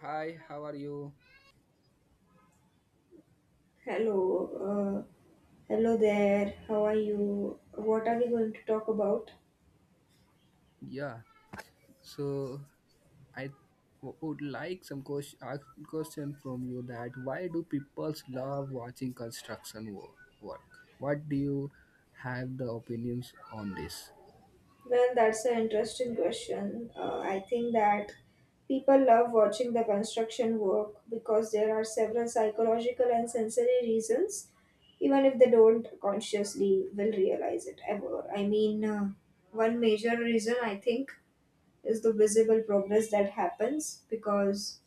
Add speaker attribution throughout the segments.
Speaker 1: Hi, how are you?
Speaker 2: Hello, hello there. How are you? What are we going to talk about?
Speaker 1: Yeah, so I would like some ask question from you that why do people love watching construction work? What do you have the opinions on this?
Speaker 2: Well, that's an interesting question. I think that people love watching the construction work because there are several psychological and sensory reasons, even if they don't consciously will realize it ever. One major reason I think is the visible progress that happens because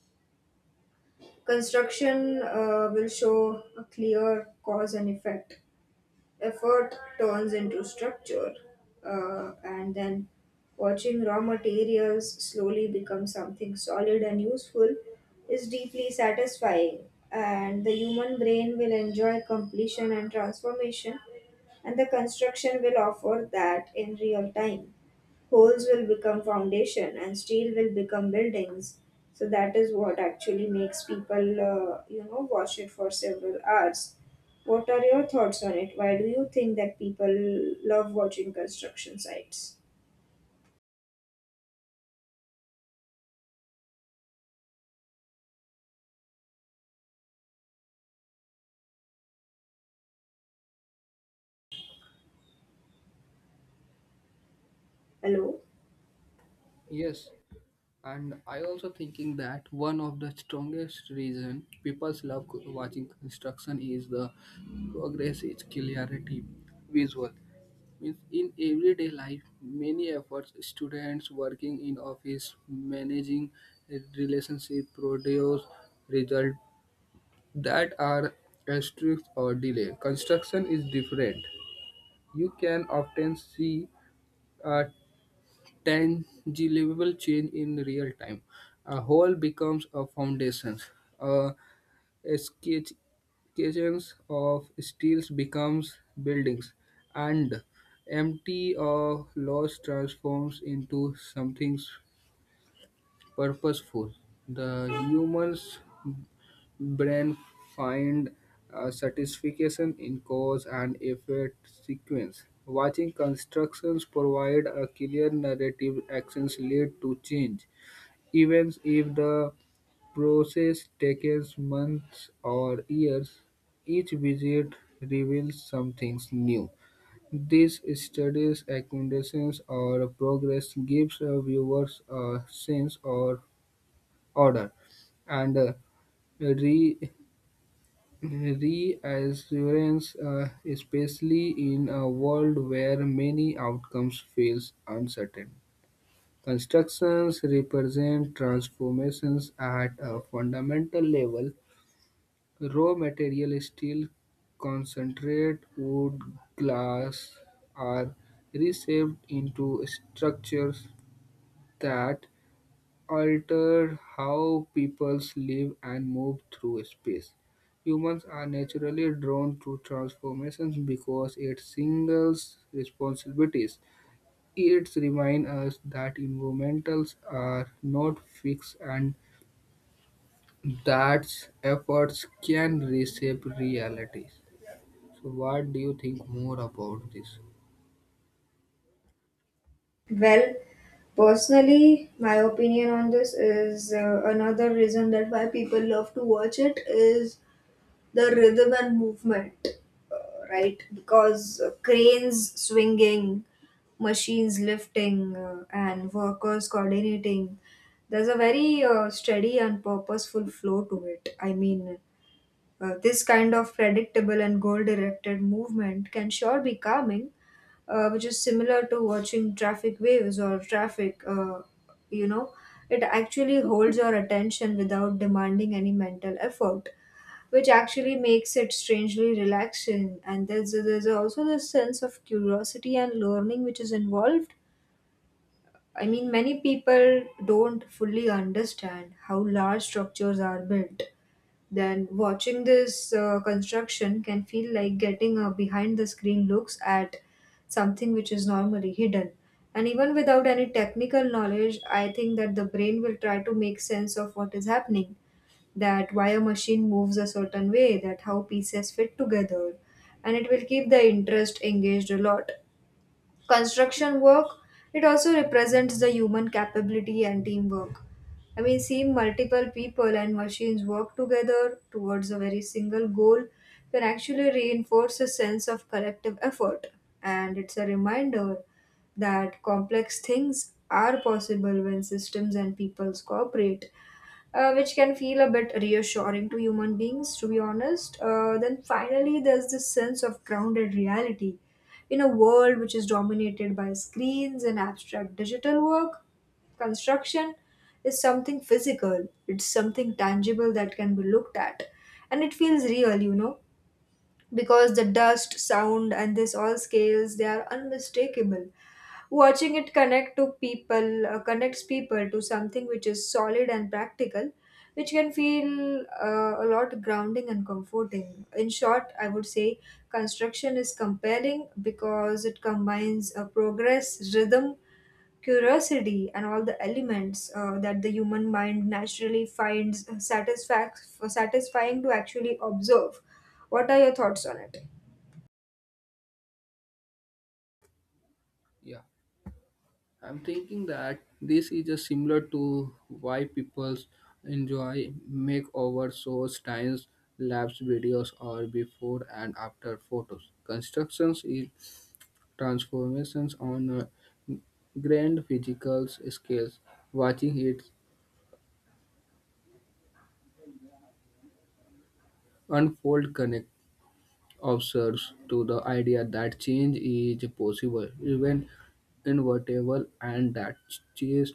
Speaker 2: construction will show a clear cause and effect. Effort turns into structure, and then watching raw materials slowly become something solid and useful is deeply satisfying. And the human brain will enjoy completion and transformation, and the construction will offer that in real time. Holes will become foundation and steel will become buildings, so that is what actually makes people wash it for several hours. What are your thoughts on it? Why do you think that people love watching construction sites? Hello?
Speaker 1: Yes, and I also thinking that one of the strongest reason people love watching construction is the progress, its clarity, visual. Means in everyday life, many efforts, students working in office, managing a relationship, produce result that are asterisk or delay. Construction is different. You can often see a tangible change in real time. A whole becomes a foundation. Sketches of steels becomes buildings, and empty or loss transforms into something purposeful. The human's brain find satisfaction in cause and effect sequence. Watching constructions provide a clear narrative. Actions lead to change, even if the process takes months or years. Each visit reveals something new. These studies, accommodations, or progress gives viewers a sense of order and re- reassurance, especially in a world where many outcomes feels uncertain. Constructions represent transformations at a fundamental level. Raw material steel, concentrate, wood, glass are reshaped into structures that alter how people live and move through space. Humans are naturally drawn to transformations because it singles responsibilities. It reminds us that environmentals are not fixed and that efforts can reshape realities. So, what do you think more about this?
Speaker 2: Well, personally my opinion on this is another reason that why people love to watch it is the rhythm and movement, right? Because cranes swinging, machines lifting, and workers coordinating, there's a very steady and purposeful flow to it. This kind of predictable and goal directed movement can sure be calming, which is similar to watching traffic waves or traffic, you know, it actually holds your attention without demanding any mental effort, which actually makes it strangely relaxing. And there's also this sense of curiosity and learning which is involved. I mean, many people don't fully understand how large structures are built. Then, watching this construction can feel like getting a behind the screen looks at something which is normally hidden. And even without any technical knowledge, I think that the brain will try to make sense of what is happening. That why a machine moves a certain way, that how pieces fit together, and it will keep the interest engaged a lot. Construction work, it also represents the human capability and teamwork. I mean, seeing multiple people and machines work together towards a very single goal can actually reinforce a sense of collective effort. And it's a reminder that complex things are possible when systems and peoples cooperate, which can feel a bit reassuring to human beings, to be honest. Then finally, there's this sense of grounded reality. In a world which is dominated by screens and abstract digital work, construction is something physical, it's something tangible that can be looked at. And it feels real, because the dust, sound, and this all scales, they are unmistakable. Watching it connect to people connects people to something which is solid and practical, which can feel a lot grounding and comforting. In short, I would say construction is compelling because it combines progress, rhythm, curiosity, and all the elements that the human mind naturally finds satisfying to actually observe. What are your thoughts on it?
Speaker 1: Yeah, I'm thinking that this is just similar to why people enjoy makeover shows, time lapse videos, or before and after photos. Constructions is transformations on a grand physical scales. Watching it unfold connect observes to the idea that change is possible, even inevitable, and that change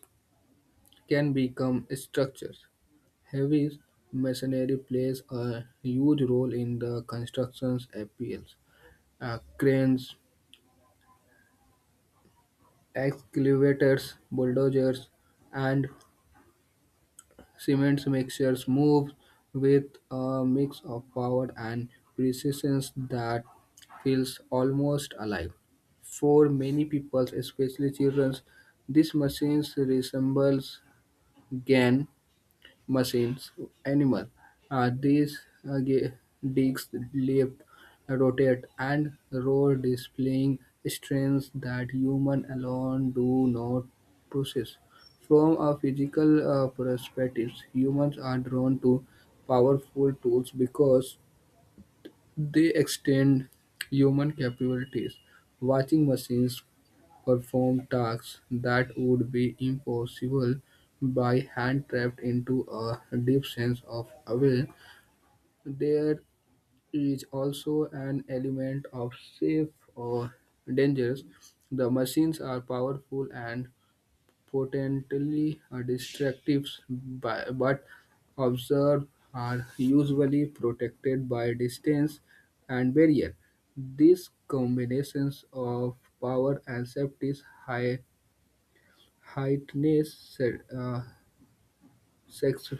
Speaker 1: can become structures. Heavy machinery plays a huge role in the construction's appeals. Cranes, excavators, bulldozers, and cement mixers move with a mix of power and precision that feels almost alive. For many people, especially children, these machines resembles GAN machines, animal. Uh, these uh, ge- digs leap, rotate, and roll, displaying strengths that human alone do not possess. From a physical perspective, humans are drawn to powerful tools because they extend human capabilities. Watching machines perform tasks that would be impossible by hand trapped into a deep sense of awe. There is also an element of safe or dangerous. The machines are powerful and potentially destructive, but observed are usually protected by distance and barrier. These combinations of power and safety heightness said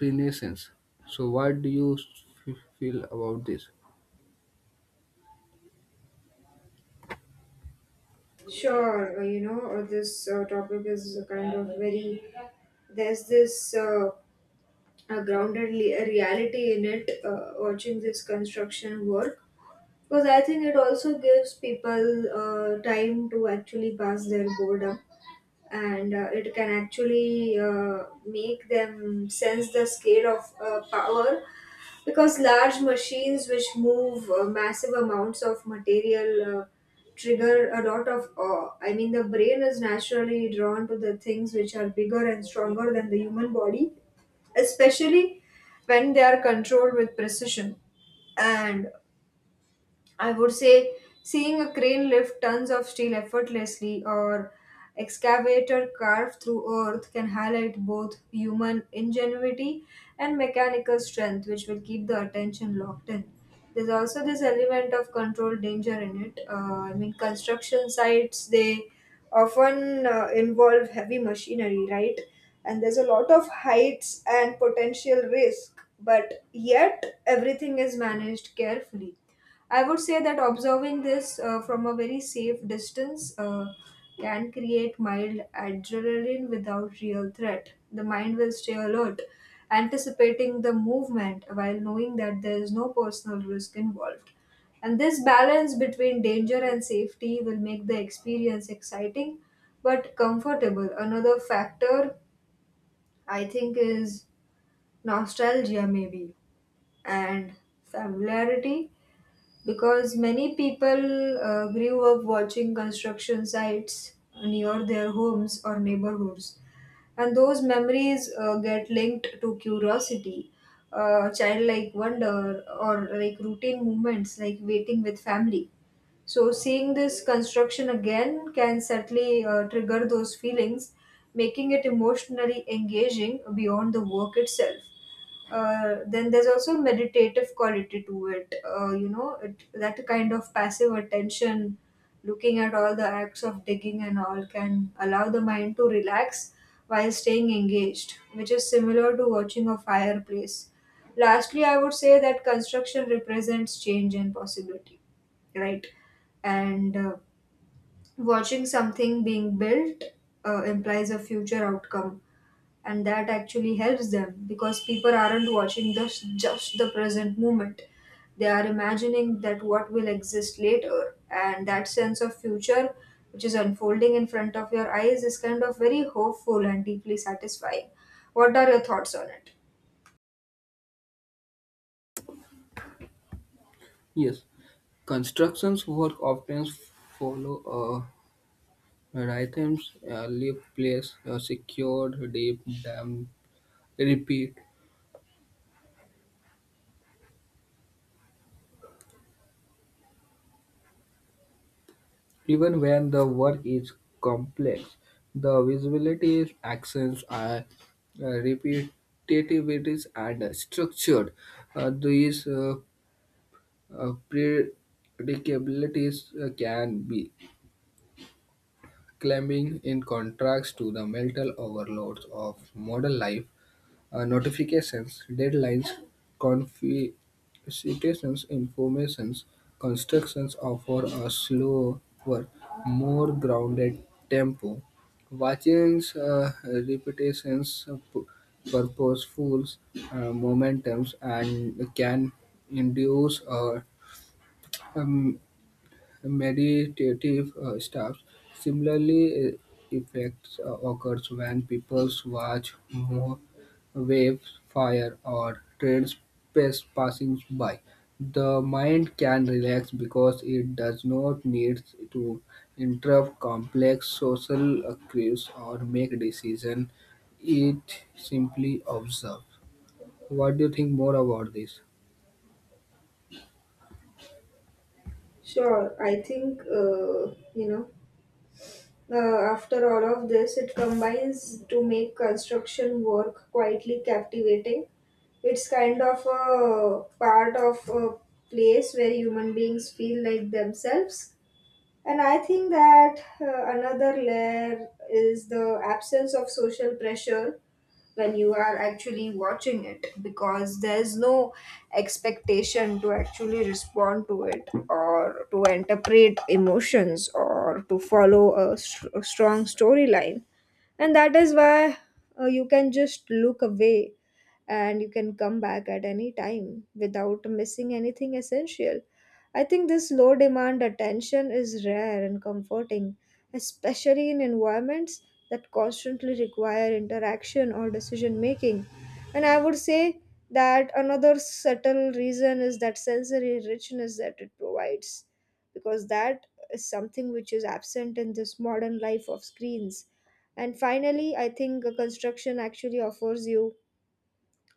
Speaker 1: Renaissance. So, what do you feel about this?
Speaker 2: Sure, this topic is a kind of very, there's this a a reality in it, watching this construction work because I think it also gives people time to actually pass their boredom and it can actually make them sense the scale of power because large machines which move massive amounts of material trigger a lot of awe. I mean, the brain is naturally drawn to the things which are bigger and stronger than the human body, especially when they are controlled with precision. And I would say seeing a crane lift tons of steel effortlessly or excavator carve through earth can highlight both human ingenuity and mechanical strength, which will keep the attention locked in. There's also this element of controlled danger in it. I mean, construction sites they often involve heavy machinery, right? And there's a lot of heights and potential risk, but yet everything is managed carefully. I would say that observing this from a very safe distance can create mild adrenaline without real threat. The mind will stay alert, anticipating the movement while knowing that there is no personal risk involved. And this balance between danger and safety will make the experience exciting but comfortable. Another factor I think is nostalgia, maybe, and familiarity because many people grew up watching construction sites near their homes or neighborhoods, and those memories get linked to curiosity, childlike wonder, or like routine moments like waiting with family. So, seeing this construction again can certainly trigger those feelings, making it emotionally engaging beyond the work itself. Then there's also a meditative quality to it, that kind of passive attention. Looking at all the acts of digging and all can allow the mind to relax while staying engaged, which is similar to watching a fireplace. Lastly, I would say that construction represents change and possibility, right? And Watching something being built implies a future outcome, and that actually helps them because people aren't watching just the present moment. They are imagining that what will exist later, and that sense of future which is unfolding in front of your eyes is kind of very hopeful and deeply satisfying. What are your thoughts on it?
Speaker 1: Yes, constructions work often follow a rhythm, leave place, secured, deep, dam, repeat. Even when the work is complex, the visibility actions are repetitivities and structured. These Uh, predicabilities can be climbing in contrast to the mental overloads of modern life, notifications, deadlines, confiscations, informations, constructions offer a slower, more grounded tempo. Watching repetitions, purposeful momentums, and can induce a um, meditative states. Similarly, effects occurs when people watch more waves, fire, or trains passing by. The mind can relax because it does not need to interrupt complex social cues or make decisions. It simply observes. What do you think more about this?
Speaker 2: Sure, I think you know after all of this, it combines to make construction work quietly captivating. It's kind of a part of a place where human beings feel like themselves. And I think that another layer is the absence of social pressure when you are actually watching it, because there's no expectation to actually respond to it or to interpret emotions or to follow a strong storyline, and that is why you can just look away and you can come back at any time without missing anything essential. I think this low demand attention is rare and comforting, especially in environments that constantly require interaction or decision making. And I would say that another subtle reason is that sensory richness that it provides, because that is something which is absent in this modern life of screens. And finally I think construction actually offers you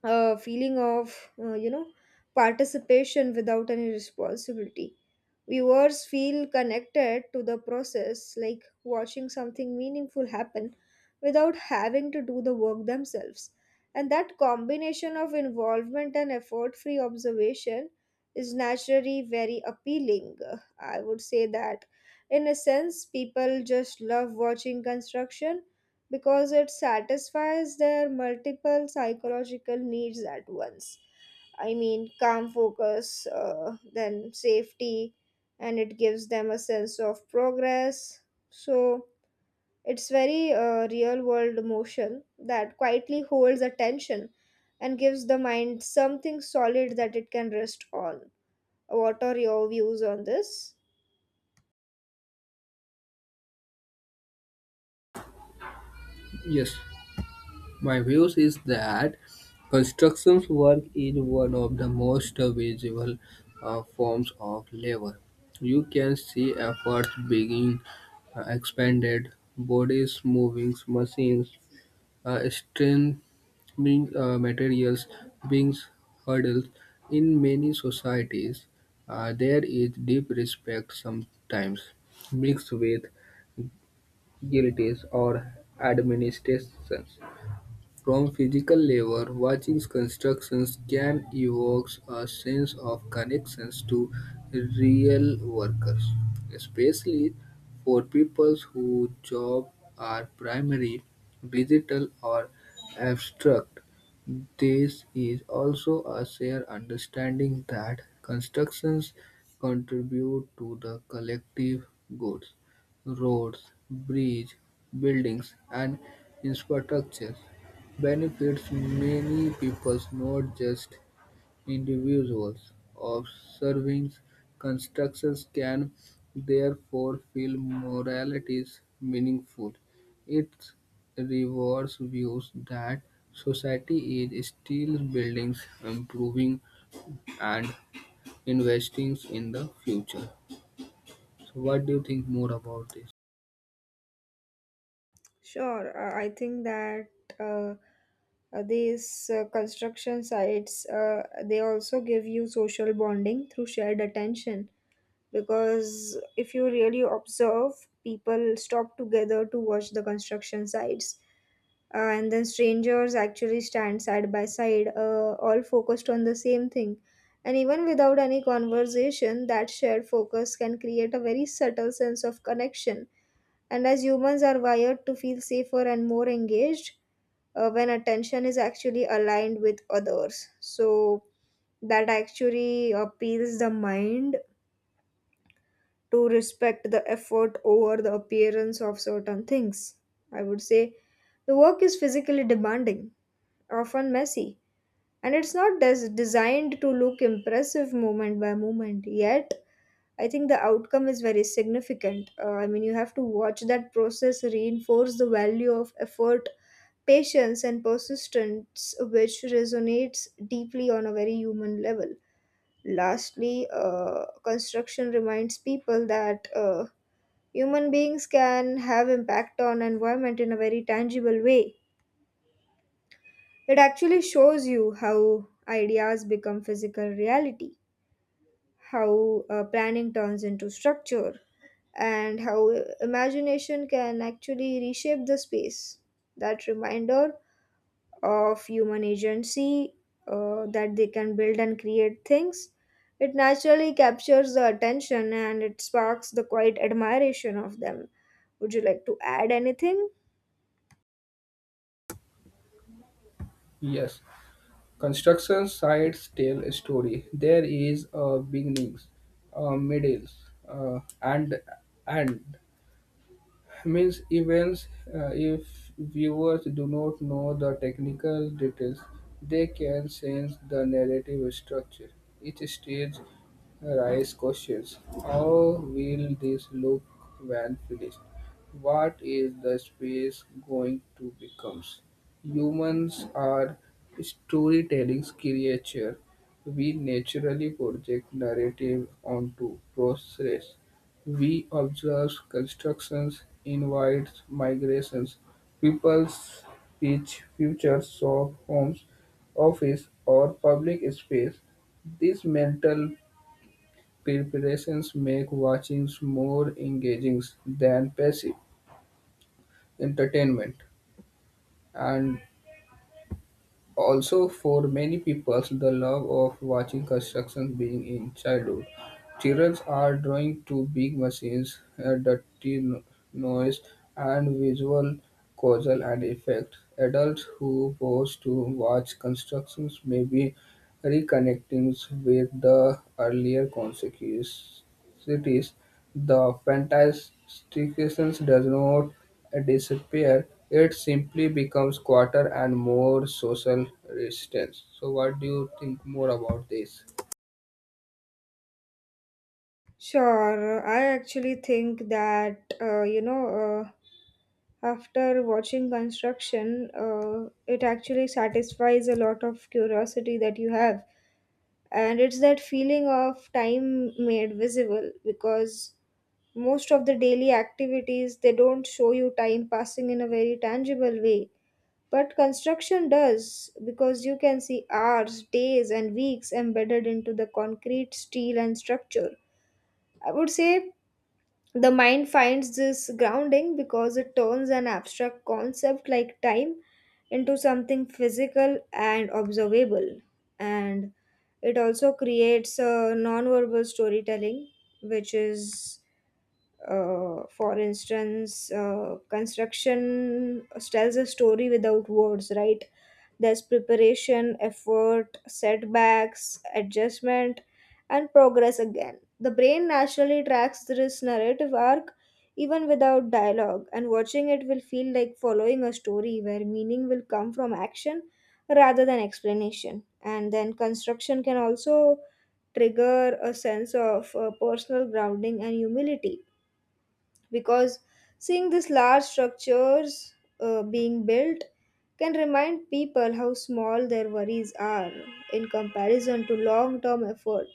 Speaker 2: a feeling of uh, you know participation without any responsibility. Viewers feel connected to the process, like watching something meaningful happen without having to do the work themselves, and that combination of involvement and effort free observation is naturally very appealing. I would say that in a sense people just love watching construction because it satisfies their multiple psychological needs at once. I mean, calm focus, then safety, and it gives them a sense of progress. So it's very real world emotion that quietly holds attention and gives the mind something solid that it can rest on. What are your views on this?
Speaker 1: Yes. My views is that constructions work is one of the most visible forms of labor. You can see efforts being expanded, bodies moving, machines strengthening materials being hurdled. In many societies, there is deep respect sometimes mixed with guilties or administrations from physical labor, watching constructions can evoke a sense of connections to real workers, especially for people whose jobs are primarily digital or abstract. This is also a shared understanding that constructions contribute to the collective goods, roads, bridges, buildings, and infrastructure benefits many people, not just individuals. Observing constructions can therefore feel moralities meaningful. It rewards views that society is still building, improving, and investing in the future. So, what do you think more about this?
Speaker 2: Sure, I think that. Uh, these construction sites they also give you social bonding through shared attention, because if you really observe, people stop together to watch the construction sites, and then strangers actually stand side by side, all focused on the same thing. And even without any conversation, that shared focus can create a very subtle sense of connection. And as humans are wired to feel safer and more engaged when attention is actually aligned with others. So that actually appeals the mind to respect the effort over the appearance of certain things. I would say the work is physically demanding, often messy, and it's not designed to look impressive moment by moment. Yet, I think the outcome is very significant. I mean, you have to watch that process reinforce the value of effort, patience and persistence, which resonates deeply on a very human level. Lastly, construction reminds people that human beings can have impact on environment in a very tangible way. It actually shows you how ideas become physical reality, how planning turns into structure, and how imagination can actually reshape the space. That reminder of human agency, that they can build and create things. It naturally captures the attention and it sparks the quiet admiration of them. Would you like to add anything?
Speaker 1: Yes. Construction sites tell a story. There is a beginnings, a middle, and end means events. If viewers do not know the technical details, they can sense the narrative structure. Each stage raises questions: how will this look when finished? What is the space going to become? Humans are storytelling creature. We naturally project narrative onto process we observe. Constructions invites migrations, people's speech, futures, shop, homes, office or public space. These mental preparations make watchings more engaging than passive entertainment. And also, for many people, the love of watching construction being in childhood. Children are drawn to big machines, dirty no- noise, and visual causal and effect. Adults who pose to watch constructions may be reconnecting with the earlier consciousness. The fantasticness does not disappear, it simply becomes quieter and more social resistance. So what do you think more about this?
Speaker 2: Sure, I actually think that after watching construction, it actually satisfies a lot of curiosity that you have, and it's that feeling of time made visible, because most of the daily activities they don't show you time passing in a very tangible way, but construction does because you can see hours, days and weeks embedded into the concrete, steel and structure. I would say the mind finds this grounding because it turns an abstract concept like time into something physical and observable. And it also creates a non-verbal storytelling which is, for instance, construction tells a story without words, right? There's preparation, effort, setbacks, adjustment, and progress again. The brain naturally tracks this narrative arc even without dialogue, and watching it will feel like following a story where meaning will come from action rather than explanation. And then construction can also trigger a sense of personal grounding and humility because seeing these large structures being built can remind people how small their worries are in comparison to long term effort.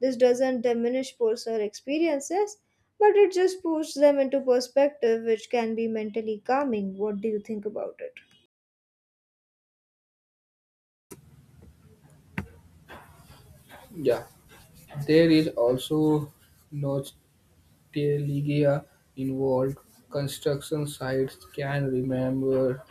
Speaker 2: This doesn't diminish personal experiences, but it just puts them into perspective, which can be mentally calming. What do you think about it?
Speaker 1: Yeah. There is also no. Teleiga involved, construction sites can remember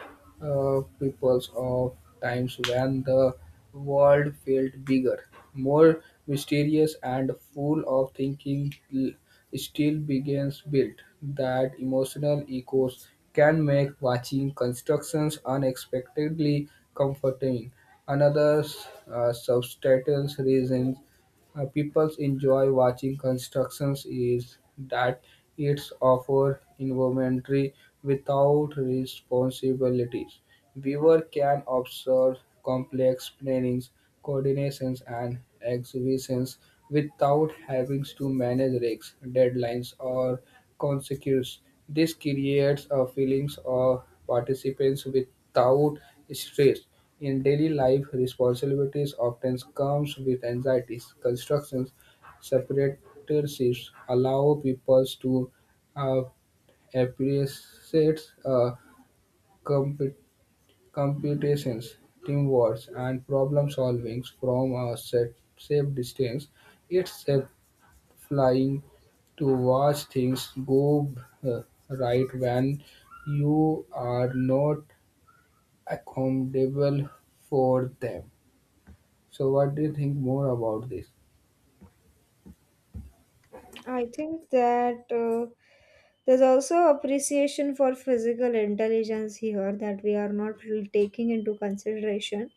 Speaker 1: peoples of times when the world felt bigger, more mysterious, and full of thinking. Still begins built that emotional echoes can make watching constructions unexpectedly comforting. Another substantial reason people enjoy watching constructions is that it's offer inventory without responsibilities. Viewer can observe complex plannings, coordinations, and exhibitions without having to manage risks, deadlines, or consequences. This creates a feelings of participants without stress. In daily life, responsibilities often comes with anxieties. Constructions, separatists allow people to uh, appreciate compe- competitions, teamwork, and problem solving from a set, safe distance. It's safe flying to watch things go uh, right when you are not accountable for them. So what do you think more about this?
Speaker 2: I think that there's also appreciation for physical intelligence here that we are not really taking into consideration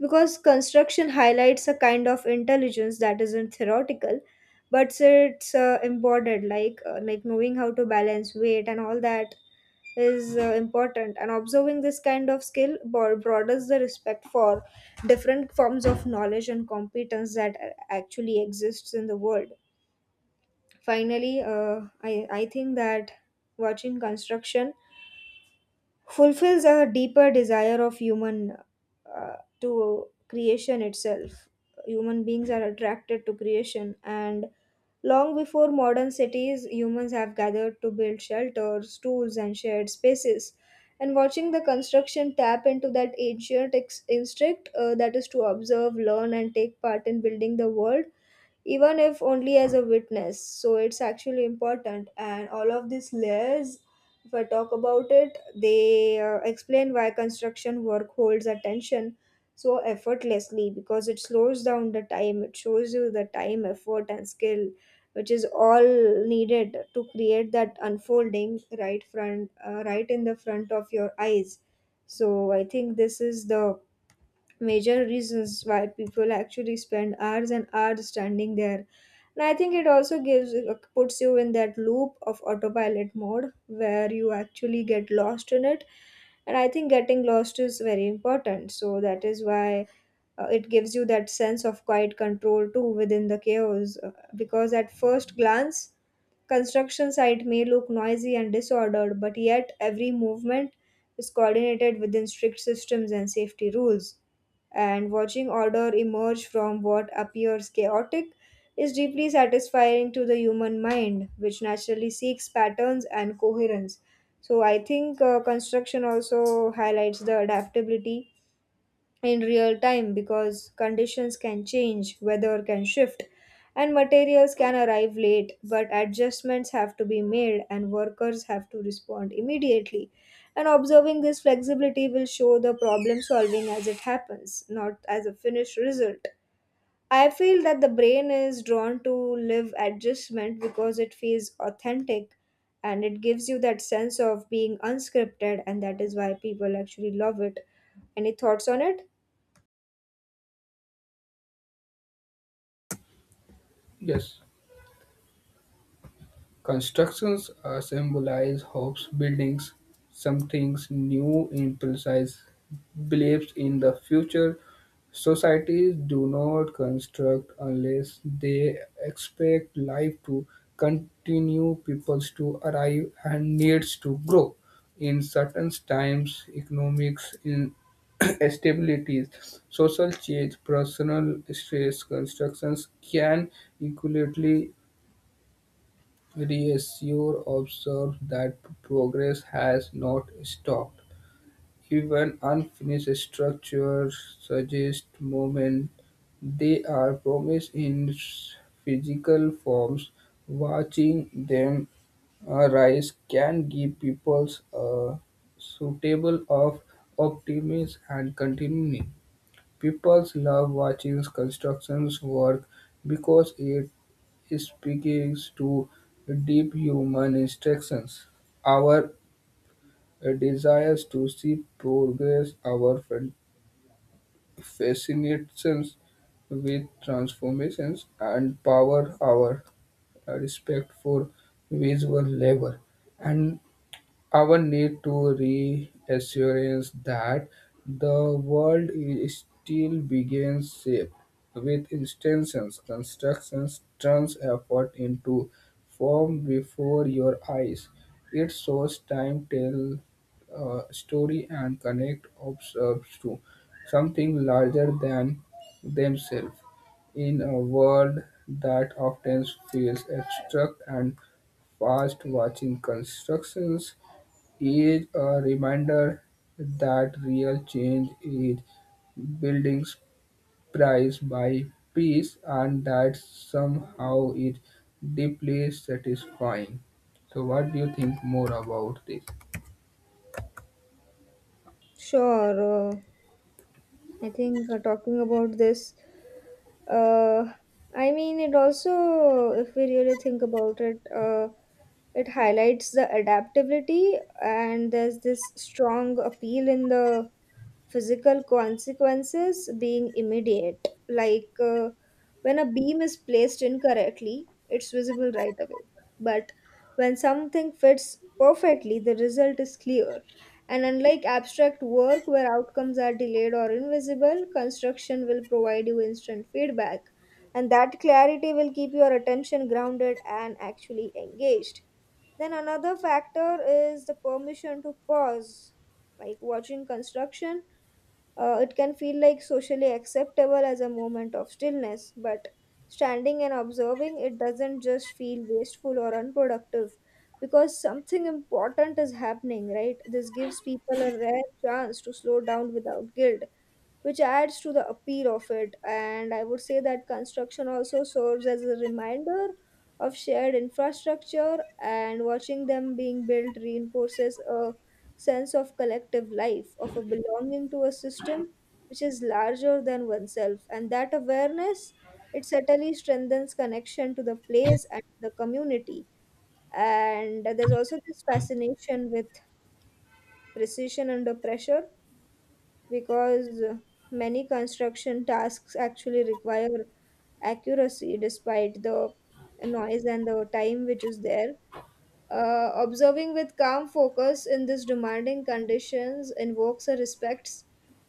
Speaker 2: because construction highlights a kind of intelligence that isn't theoretical but it's embodied, like knowing how to balance weight, and all that is important. And observing this kind of skill broadens the respect for different forms of knowledge and competence that actually exists in the world. Finally, I think that watching construction fulfills a deeper desire of human, to creation itself. Human beings are attracted to creation, and long before modern cities, humans have gathered to build shelters, tools, and shared spaces. And watching the construction tap into that ancient instinct, that is to observe, learn, and take part in building the world, even if only as a witness. So it's actually important. And all of these layers, if I talk about it, they explain why construction work holds attention so effortlessly, because it slows down the time, it shows you the time, effort, and skill. Which is all needed to create that unfolding right front, right in the front of your eyes. So I think this is the major reasons why people actually spend hours and hours standing there. And I think it also gives puts you in that loop of autopilot mode where you actually get lost in it. And I think getting lost is very important. So that is why it gives you that sense of quiet control too within the chaos. Because at first glance, construction site may look noisy and disordered, but yet every movement is coordinated within strict systems and safety rules, and watching order emerge from what appears chaotic is deeply satisfying to the human mind, which naturally seeks patterns and coherence. So I think construction also highlights the adaptability in real time, because conditions can change, weather can shift, and materials can arrive late. But adjustments have to be made, and workers have to respond immediately. And observing this flexibility will show the problem solving as it happens, not as a finished result. I feel that the brain is drawn to live adjustment because it feels authentic, and it gives you that sense of being unscripted, and that is why people actually love it. Any thoughts on it?
Speaker 1: Yes. Constructions symbolize hopes, buildings, something new, imprecise beliefs in the future. Societies do not construct unless they expect life to continue, peoples to arrive, and needs to grow. In certain times, economics in stabilities, social change, personal stress, constructions can equally reassure observes that progress has not stopped; even unfinished structures suggest movement; they are promised in physical forms; watching them arise can give people a suitable of optimism and continuity. People love watching construction work because it speaks to deep human instincts, our desires to see progress, our fascinations with transformations, and power, our respect for visual labor. And our need to reassurance that the world still begins shape with instances, constructions, turns effort into form before your eyes. It shows time, tell story, and connect observes to something larger than themselves. In a world that often feels abstract and fast, watching constructions is a reminder that real change is building price by piece, and that somehow is deeply satisfying. So what do you think more about this?
Speaker 2: Sure. I think talking about this, uh, I mean, it also, if we really think about it, it highlights the adaptability, and there's this strong appeal in the physical consequences being immediate. Like when a beam is placed incorrectly, it's visible right away. But when something fits perfectly, the result is clear. And unlike abstract work where outcomes are delayed or invisible, construction will provide you instant feedback. And that clarity will keep your attention grounded and actually engaged. Then another factor is the permission to pause. Like watching construction, it can feel like socially acceptable as a moment of stillness, but standing and observing it doesn't just feel wasteful or unproductive because something important is happening, right? This gives people a rare chance to slow down without guilt, which adds to the appeal of it. And I would say that construction also serves as a reminder of shared infrastructure, and watching them being built reinforces a sense of collective life, of a belonging to a system which is larger than oneself. And that awareness, it certainly strengthens connection to the place and the community. And there's also this fascination with precision under pressure, because many construction tasks actually require accuracy despite the noise and the time which is there. Observing with calm focus in these demanding conditions invokes a respect,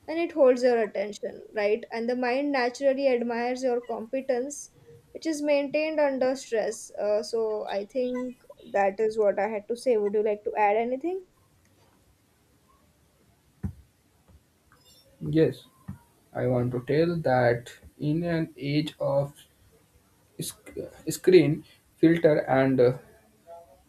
Speaker 2: and it holds your attention, right? And the mind naturally admires your competence, which is maintained under stress. So I think that is what I had to say. Would you like to add anything?
Speaker 1: Yes, I want to tell that in an age of sc- screen filter and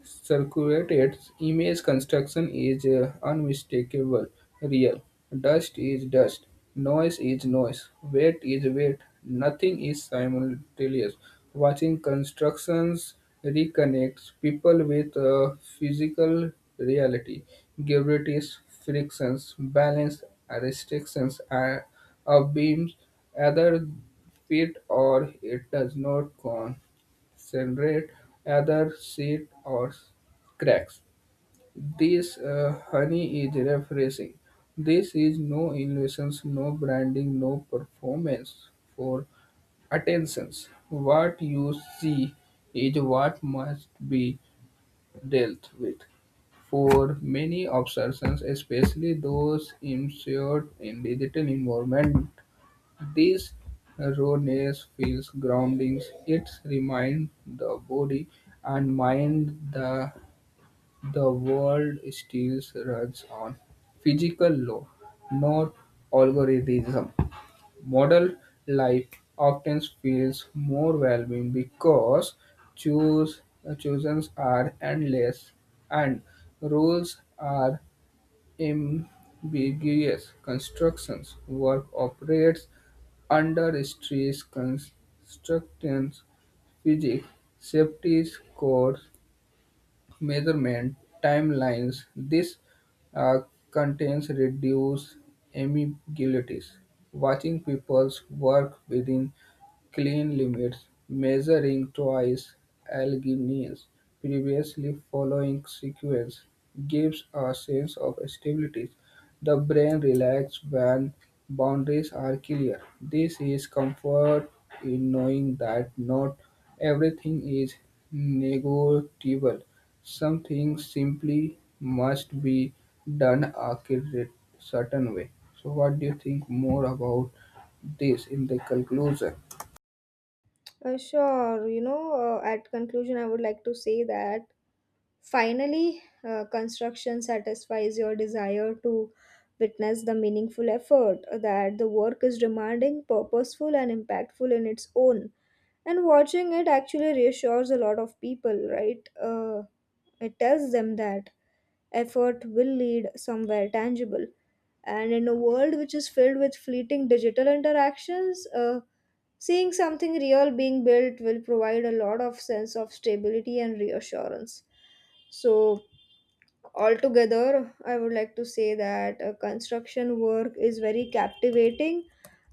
Speaker 1: circulate its image, construction is unmistakable real. Dust is dust, noise is noise, weight is weight, nothing is simultaneous. Watching constructions reconnects people with physical reality. Gravities, frictions, balance, restrictions are of beams, either fit or it does not con generate either seed or cracks. This honey is refreshing. This is no innovations, no branding, no performance for attentions. What you see is what must be dealt with. For many observations, especially those immersed in digital environment, these erroneous feels groundings. It remind the body and mind that the world still runs on physical law, not algorithm. Model life often feels more valuable because choose, choices are endless and rules are ambiguous constructions. Work operates under stress constraints, physics, safety scores, measurement timelines, this uh, constraints reduce ambiguities. Watching people's work within clean limits, measuring twice Alleghany's previously following sequence, gives a sense of stability. The brain relaxes when boundaries are clear. This is comfort in knowing that not everything is negotiable. Some things simply must be done a certain way. So, what do you think more about this in the conclusion?
Speaker 2: Sure. You know, at conclusion, I would like to say that finally, construction satisfies your desire to witness the meaningful effort that the work is demanding, purposeful, and impactful in its own. And watching it actually reassures a lot of people, right? It tells them that effort will lead somewhere tangible. And in a world which is filled with fleeting digital interactions, seeing something real being built will provide a lot of sense of stability and reassurance. So, altogether, I would like to say that construction work is very captivating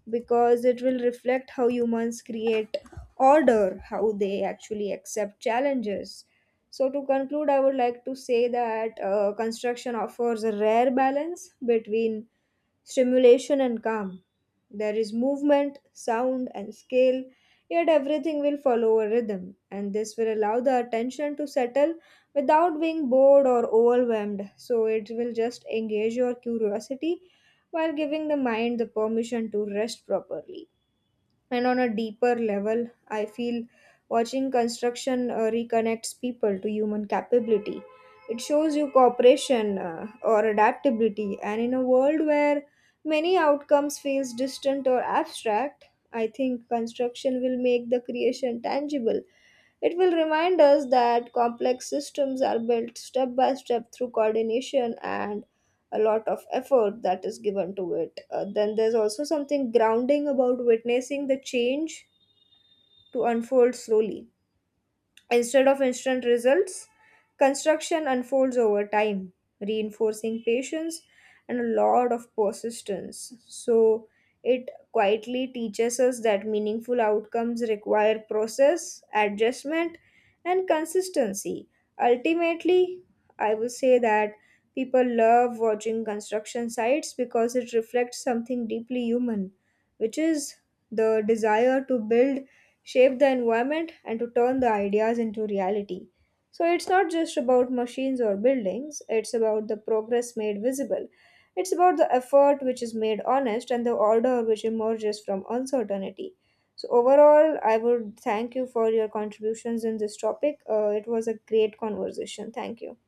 Speaker 2: because it will reflect how humans create order, how they actually accept challenges. So, to conclude, I would like to say that construction offers a rare balance between stimulation and calm. There is movement, sound, and scale, yet everything will follow a rhythm, and this will allow the attention to settle without being bored or overwhelmed. So, it will just engage your curiosity while giving the mind the permission to rest properly. And on a deeper level, I feel watching construction reconnects people to human capability. It shows you cooperation or adaptability, and in a world where many outcomes feels distant or abstract, I think construction will make the creation tangible. It will remind us that complex systems are built step by step through coordination and a lot of effort that is given to it. Then there's also something grounding about witnessing the change to unfold slowly. Instead of instant results, construction unfolds over time, reinforcing patience and a lot of persistence. So, it quietly teaches us that meaningful outcomes require process, adjustment, and consistency. Ultimately, I will say that people love watching construction sites because it reflects something deeply human, which is the desire to build, shape the environment, and to turn the ideas into reality. So it's not just about machines or buildings, it's about the progress made visible. It's about the effort which is made honest and the order which emerges from uncertainty. So, overall, I would thank you for your contributions in this topic. It was a great conversation. Thank you.